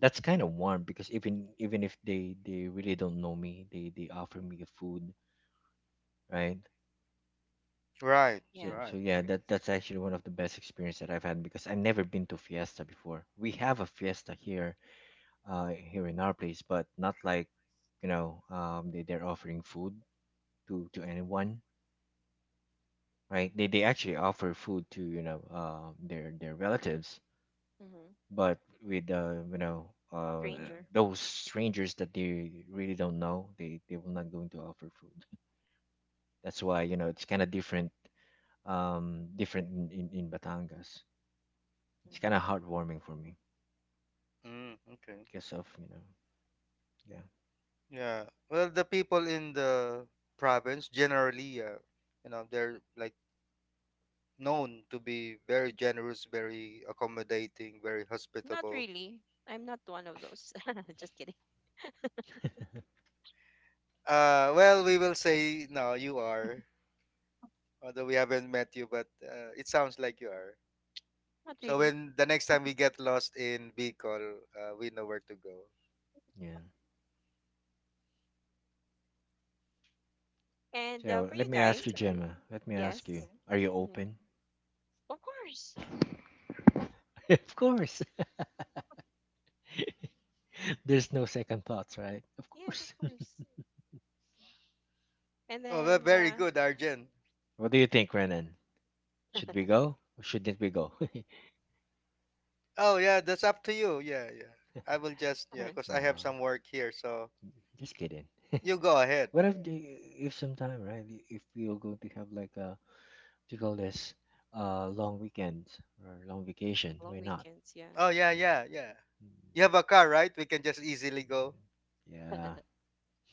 that's kind of warm because even if they really don't know me, they offer me food, right? Right, so yeah, so right. of yeah, course. that's actually one of the best experience that I've had because I've never been to fiesta before. We have a fiesta here, here in our place, but not like they're offering food to anyone, right? They actually offer food to their relatives, Mhm. but with Stranger. those strangers that they really don't know, they will not going to offer food. That's why it's kind of different, different in Batangas. It's Mhm. kind of heartwarming for me Mm, okay. because of, you know, yeah. Yeah. Well, the people in the province, generally, they're, like, known to be very generous, very accommodating, very Not hospitable. really. I'm not one of those. Just kidding. Well, we will say no, you are. Although we haven't met you, but it sounds like you are. Not So really. when the next time we get lost in Bicol, we know where to go. Yeah. And So for let you me guys, ask you, Gemma, let me ask you yes. are you Mhm. open? Of course. Of course. There's no second thoughts, right? Of Yes, of course. course. And Oh, then, very good, Arjen. What do you think, Renan? Should we go or shouldn't we go? Oh, yeah, that's up to you. Yeah, yeah. I will just, yeah, cause I have No, some work here, so just kidding. you yeah, go ahead. What if if sometime, right? If we are going to have like a, what do you call this, long weekend or long vacation, long why not? weekends. Yeah. Oh, yeah, Yeah. yeah, yeah. You have a car, right? We can just easily go, Mm, yeah.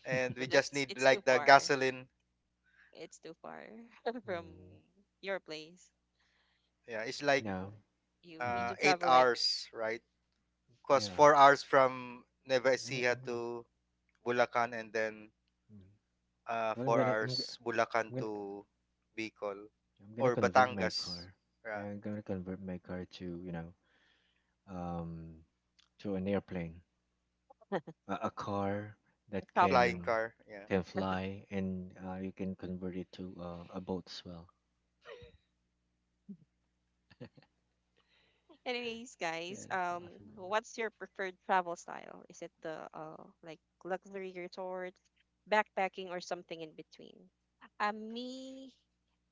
and we But just That's need, it's too like, the far. gasoline. It's too far, from Mm, your place. Yeah, it's, like, no. You Mm-hmm. Need to eight travel like hours, right? Because Yeah. 4 hours from Nueva I'm Ecija I'm gonna, to Bulacan, and then mm. Well, four hours Bulacan I'm gonna to Bicol I'm gonna or convert my Batangas. car. Yeah, Yeah, I'm gonna convert my car to, um to an airplane, a car that a a chopper. flying can car. Yeah. can fly, and you can convert it to a boat as well. Anyways, guys, Yeah, possible. what's your preferred travel style? Is it the, like, luxury resort, backpacking, or something in between? Me,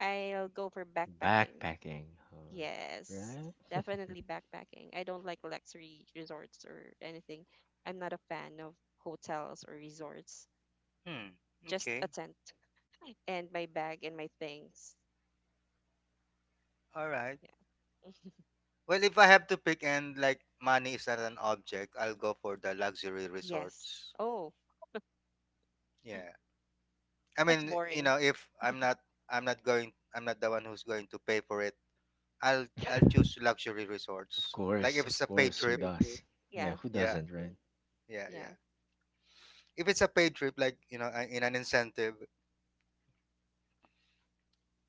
I'll go for backpacking. Backpacking, uh, Yes, right? definitely backpacking. I don't like luxury resorts or anything. I'm not a fan of hotels or resorts. Hmm. Just a Okay. tent and my bag and my things. All right. Yeah. Well, if I have to pick, and, like, money is not an object, I'll go for the luxury Yes. resorts. Oh, Yeah. I that's mean, boring. If I'm not going, I'm not the one who's going to pay for it. I'll Oh, I'll choose luxury Of resorts. Like, course, if of it's a paid course. Who trip, does? Yeah, yeah, who yeah, doesn't, right? yeah, yeah. yeah, If it's a paid trip, like, in an incentive.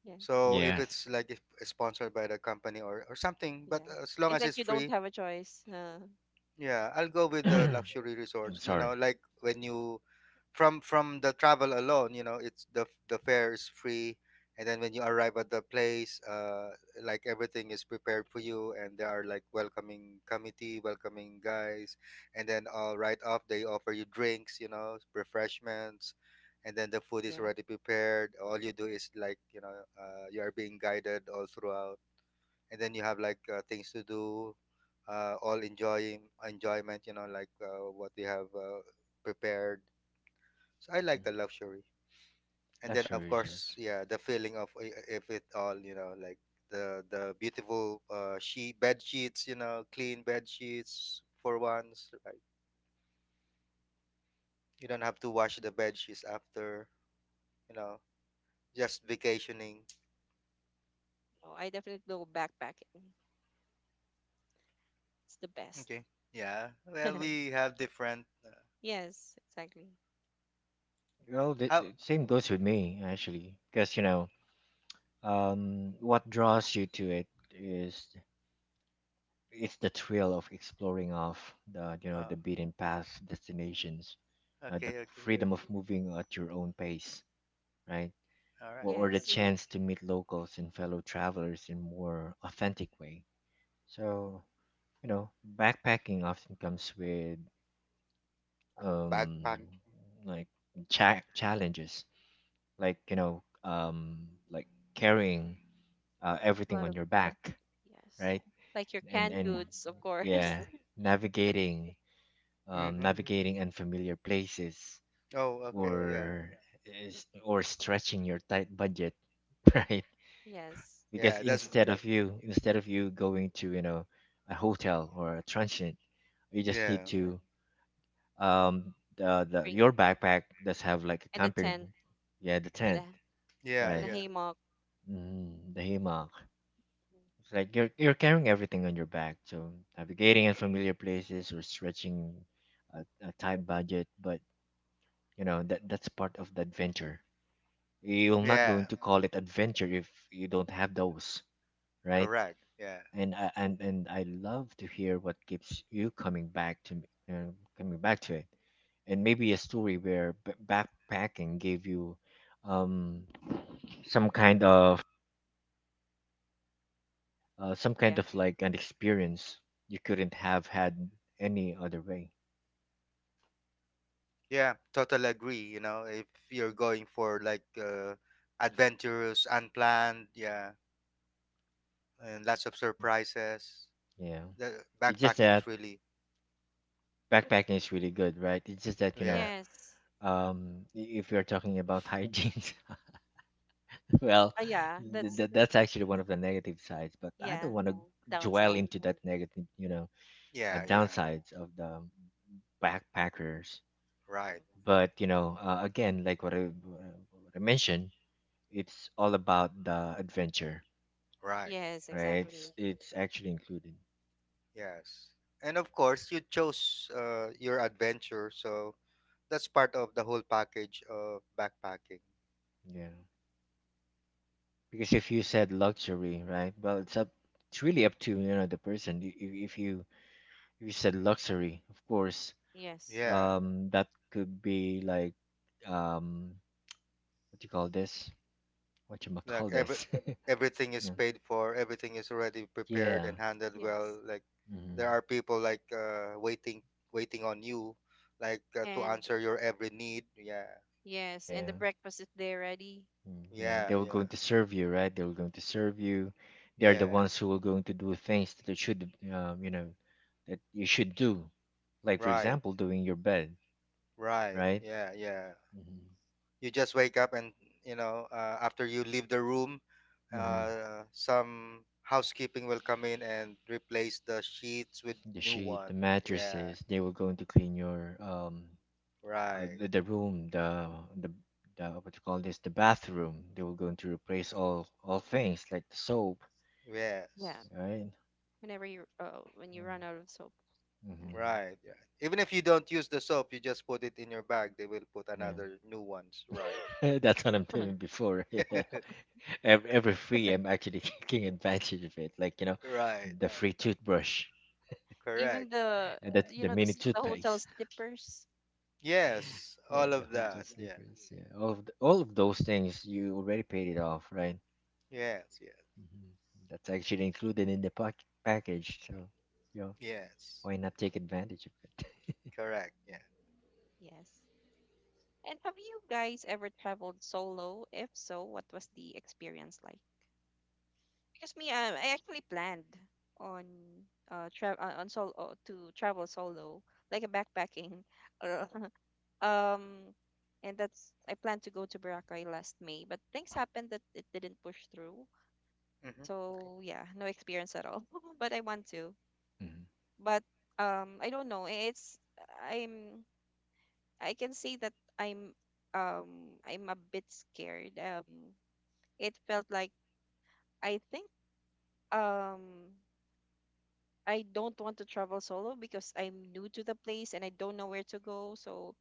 yeah. So Yes. If it's sponsored by the company, or something, but Yeah. As long It's as like it's you don't free, have a choice. Yeah, I'll go with the I'm luxury resorts. Sorry. Like, when you, from the travel alone, it's the fare is free, and then when you arrive at the place, like, everything is prepared for you, and there are, like, welcoming committee, welcoming guys, and then all right off they offer you drinks, refreshments, and then the food is Yeah. already prepared. All you do is, like, you are being guided all throughout, and then you have, like, things to do, all enjoying enjoyment, like, what we have prepared. So I like Mhm. the luxury. And Yeah. then, of Luxury course, resorts. yeah, the feeling of, if it all, like, the beautiful, sheet bed sheets, clean bed sheets for once, right? You don't Yeah. have to wash the bed sheets after, you know just vacationing. No, I definitely go backpacking. It's the best. Okay, yeah, well, we have different, Yes, exactly. Well, the, how, the same goes with me actually, because what draws you to it is it's the thrill of exploring off the you know uh, the beaten path destinations, the okay, okay, freedom of moving at your own pace, right? all or, right, or the Yes. chance to meet locals and fellow travelers in more authentic way. So, you know, backpacking often comes with, um backpack. like challenges, like like carrying A everything lot on of your back, yes. right? Like your and canned and goods, of course. yeah, navigating, Mm-hmm. navigating unfamiliar places, Oh, Mm. okay. Yeah. or or stretching your tight budget, right? Yes. Because Yeah. That's, instead of you going to, a hotel or a transient, you just need yeah. to, the your Bring backpack does have like a and a camping, tent yeah, the and tent, a Yeah. and right? a Yeah. haymock. Mm, the hammock. Mm. It's like you're carrying everything on your back, so navigating unfamiliar places or stretching a tight budget, but you know that that's part of the adventure. You're not going Yeah. to call it adventure if you don't have those, right? Correct. Yeah. And I love to hear what keeps you uh, coming back to it, and maybe a story where backpacking gave you, um some kind of, Yeah. Like an experience you couldn't have had any other way. Yeah. Totally agree. If you're going for, like, adventurous, unplanned, yeah, and lots of surprises, Yeah, the it's just backpacking is that really, backpacking is really good, right? It's just that, yeah. Yes. If you're talking about hygiene, well, Yeah, th- that's, th- that's actually one uh, of the negative sides, but I yeah. don't want to dwell Downside. into that negative, Yeah. Yeah. downsides of the backpackers. Mm. Right. But you know, again like what I mentioned, it's all about the adventure, Right. Yes, right? it's, exactly. it's actually included. Yes. And, of course, you chose your adventure, so that's part of the whole package of backpacking. Yeah, because if you said luxury, right? Well, it's really up to, the person. If you said luxury of course, Yes. Yeah. That could be like, um what do you call this, what you call Like, this? everything is Yeah. paid for, everything is already prepared Yeah. and handled Yes. well, like, Hmm. there are people, like, waiting on you, like, to And answer your every need, yeah, yes, and the Yeah. breakfast is there ready. Mm, yeah, they yeah, were yeah, going to serve you, right? They were going to serve you. They're the yeah, ones who were going to do things that you should, that you should do, like for right, example doing your bed, right, right? yeah, yeah. Hmm. You just wake up, and after you leave the room, Hmm. Some housekeeping will come in and replace the sheets with The new sheet, one, the yeah, mattresses, they were going to clean your, right, the room, the, the what you call this, the bathroom. They were going to replace all things like the soap, Yeah, yes. right? When you run out of soap. Yeah. Mm-hmm. Right, yeah. Even if you don't use the soap, you just put it in your bag, they will put Yeah, another new ones, right? that's what I'm doing before. Yeah, every free, I'm actually taking advantage of it. Like you know, Right. the free toothbrush Even Correct. the and the you the know the mini s- the hotel toothpaste. slippers. Yes, Yeah, all the of hotel that. Yeah. slippers. Yeah, all of those things you already paid it off, right? Yes, yes. Hmm. That's actually included in the package. So, yeah. Yes. Why not take advantage of it? Correct. Yeah. Yes. And have you guys ever traveled solo? If so, what was the experience like? Because me, I actually planned on travel on solo to travel solo, like a backpacking, or, um, and that's I planned to go to Boracay last May, but things happened that it didn't push through. Mhm. Okay. So yeah, no experience at all. But I want to. Mhm. But I don't know. It's I'm I can say that I'm a bit scared. It felt like I think um I don't want to travel solo, because I'm new to the place and I don't know where to go. So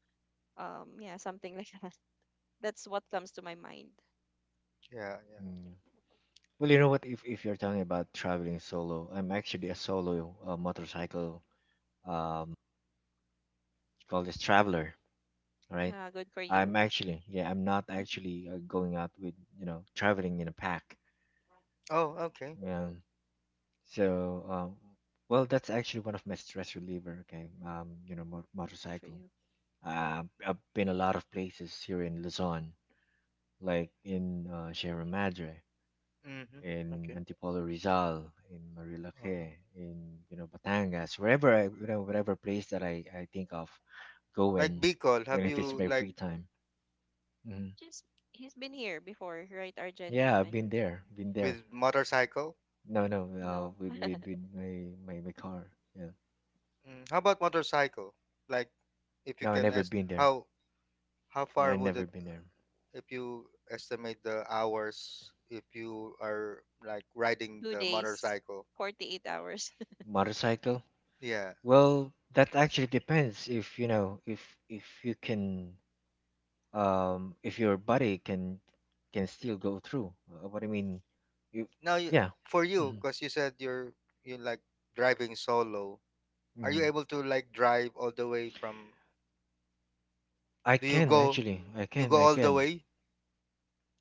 yeah, something like, that. That's what comes to my mind. Yeah, yeah. Mm, yeah. Well, you know what? If you're talking about traveling solo, I'm actually a solo, motorcycle, um call this traveler, right? Good for you. I'm actually, yeah, I'm not actually going out with, you know, traveling in a pack. Oh, okay. Yeah. So, well, that's actually one of my stress reliever. Okay. Um, you know, mo- Good for motorcycle. you. Mhm, I've been a lot of places here in Luzon, like in, Sierra Madre, Mhm. in Okay. of Antipolo course. Rizal, in Uh-huh. Marilaque, in, you know, Batangas, wherever I, you know, whatever place that I think of Like going Bicol, when have if it's you, my like, free time. Hmm. Just he's been here before, right, Arjen? You Yeah, I've been mentioned. there, been there. with motorcycle? No, no, No, with with my my car. Yeah, Mm, how about motorcycle? Like, if you no, I can never ask been there. how I far would never it, been there. if you estimate the hours, if you are, like, riding two the days, motorcycle, 48 hours. Motorcycle? yeah, Well, that actually depends if, you know, if you can, if your body can, still go through, what I mean, you, now yeah. for you, Hmm. because you said you, like, driving solo, are you Hmm. able to, like, drive all the way from, I do can actually I you can go I all the can, way,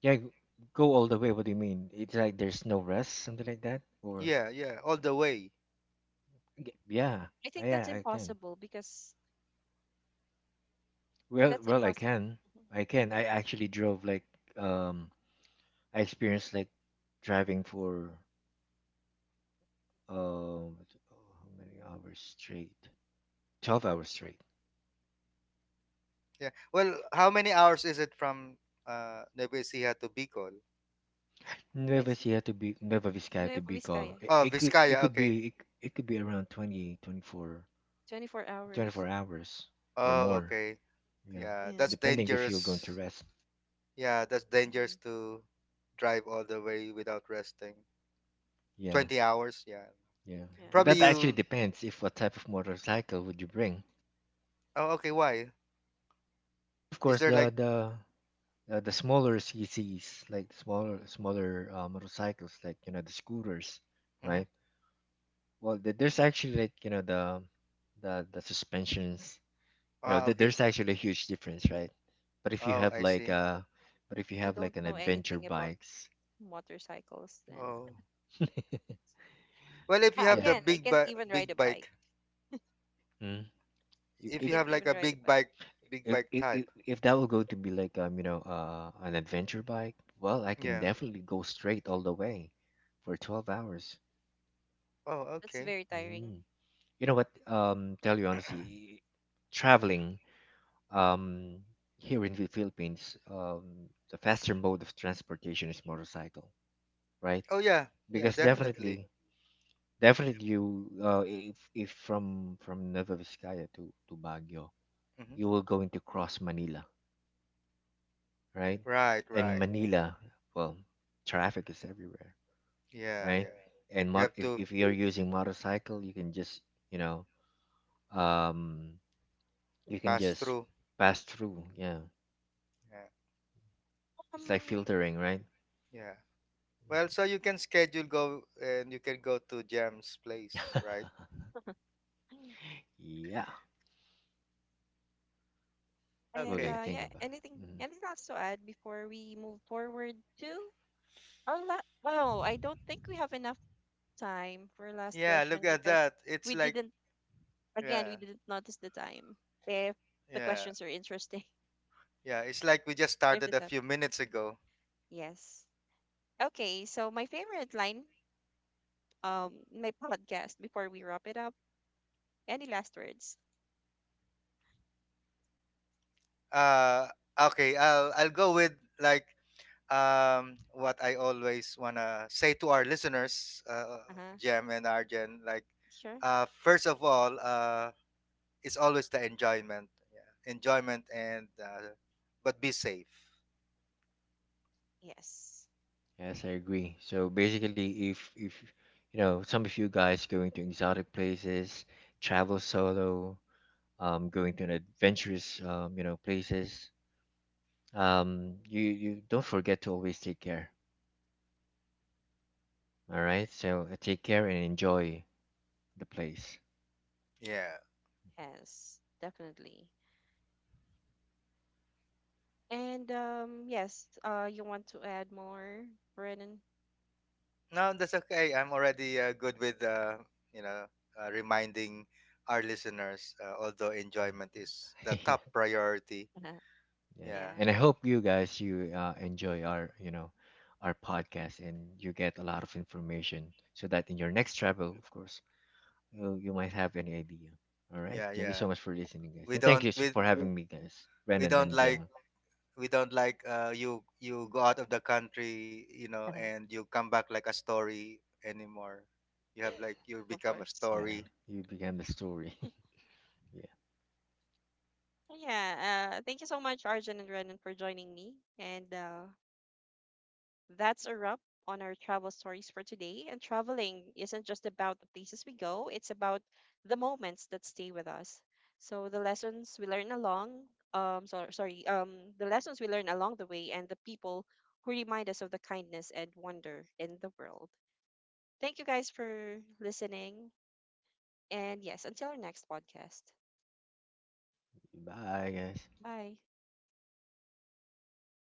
yeah, go all the way. What do you mean, it's like there's no rest something like that or? yeah, yeah, all the way, Yeah. I think that's I can. impossible, because well that's well I impossible. can. Mhm. I can. I actually drove like, um I experienced like driving for, um how many hours straight. 12 hours straight. yeah, well, how many hours is it from Nevesia to Bicol, Nueva Nueva Ecija Ecija. to be Nueva Vizcaya to Nueva Bicol. Vizcaya. It, oh, it could it Vizcaya, could okay, be it, it could be around 24 24 hours. hours or oh, more. okay, Yeah, yeah, that's Yeah. depending if you're going to dangerous. rest. Yeah, that's dangerous Hmm. to drive all the way without resting. Yeah, 20 hours, yeah. yeah. Yeah. Well, Probably that actually you. depends if what type of motorcycle would you bring. Oh, okay, why? Well, of Is course, there, like. The smaller CCs, like smaller motorcycles, like you know the scooters, Mm-hmm. right? Well, the, there's actually like, you know, the suspensions, you know, Ah, th- okay. there's actually a huge difference, right? but if you Oh, have I like see. uh but if you I have like don't an know adventure anything about bikes, motorcycles then. Oh. yeah. Well, if you Ah, have Yeah. the again, I can't even ride big a bike. bike, Mm. if, I if you can't have, if like, even a ride a bike. Big bike type. if that will go to be like, you know, an adventure bike, well I can Yeah. definitely go straight all the way for 12 hours. Oh, That's okay. very tiring. Mm. You know what, tell you honestly, traveling, um here in the Philippines, the faster mode of transportation is motorcycle, right? Oh, yeah. Yeah, Because Yes. definitely. definitely, definitely, you, if from Nueva Vizcaya to Baguio, Mm-hmm. you will going to cross Manila, right? Right, And right. Manila, well, traffic is everywhere, Yeah, right? yeah. And You mot have to if you're using motorcycle, you can just, you know, um you can pass just through. pass through. Yeah, Yeah, it's like Um filtering, right? yeah. Mhm. Well, so you can schedule go, and you can go to Jam's place, right? Yeah, we're and gonna Okay. Think yeah, about. anything Mhm. anything else to add before we move forward to our last? Oh, I don't think we have enough time for last Yeah, look question, at because that. It's we like, didn't again, we yeah, didn't notice the time. If the yeah, questions are interesting, yeah. It's like we just if the started a few topic. minutes ago. Yes. Okay, so my favorite line, in my podcast, before we wrap it up. Any last words? Uh, okay. I'll go with, like, what I always wanna say to our listeners, Uh huh. Jem and Arjen. Like, Sure. First of all, it's always the enjoyment, yeah, enjoyment, and but be safe. Yes. Yes, I agree. So basically, if, you know, some of you guys going to exotic places, travel solo, going to an adventurous, you know, places, you, you don't forget to always take care. All right, so take care and enjoy the place. Yeah. Yes. Definitely. And yes. You want to add more, Brennan? No, that's okay. I'm already, good with, you know reminding our listeners. Although enjoyment is the Yeah, top priority. Uh-huh. yeah. Yeah, Yeah. And I hope you guys, you enjoy our, you know, our podcast and you get a lot of information so that in your next travel, of course, you might have any idea. All right. yeah, Thank you yeah. so much for listening, guys. We And thank don't you we for having me, guys. we Brennan don't and like Gemma. we don't like you go out of the country, Uh-huh. and you come back like a story anymore. You have like you Of become a course. Yeah. story. You began the story. Yeah. Yeah. Thank you so much, Arjun and Renan, for joining me. And that's a wrap on our travel stories for today. And traveling isn't just about the places we go, it's about the moments that stay with us. So the lessons we learn along, so, sorry, the lessons we learn along the way, and the people who remind us of the kindness and wonder in the world. Thank you guys for listening. And yes, until our next podcast. Bye, guys. Bye.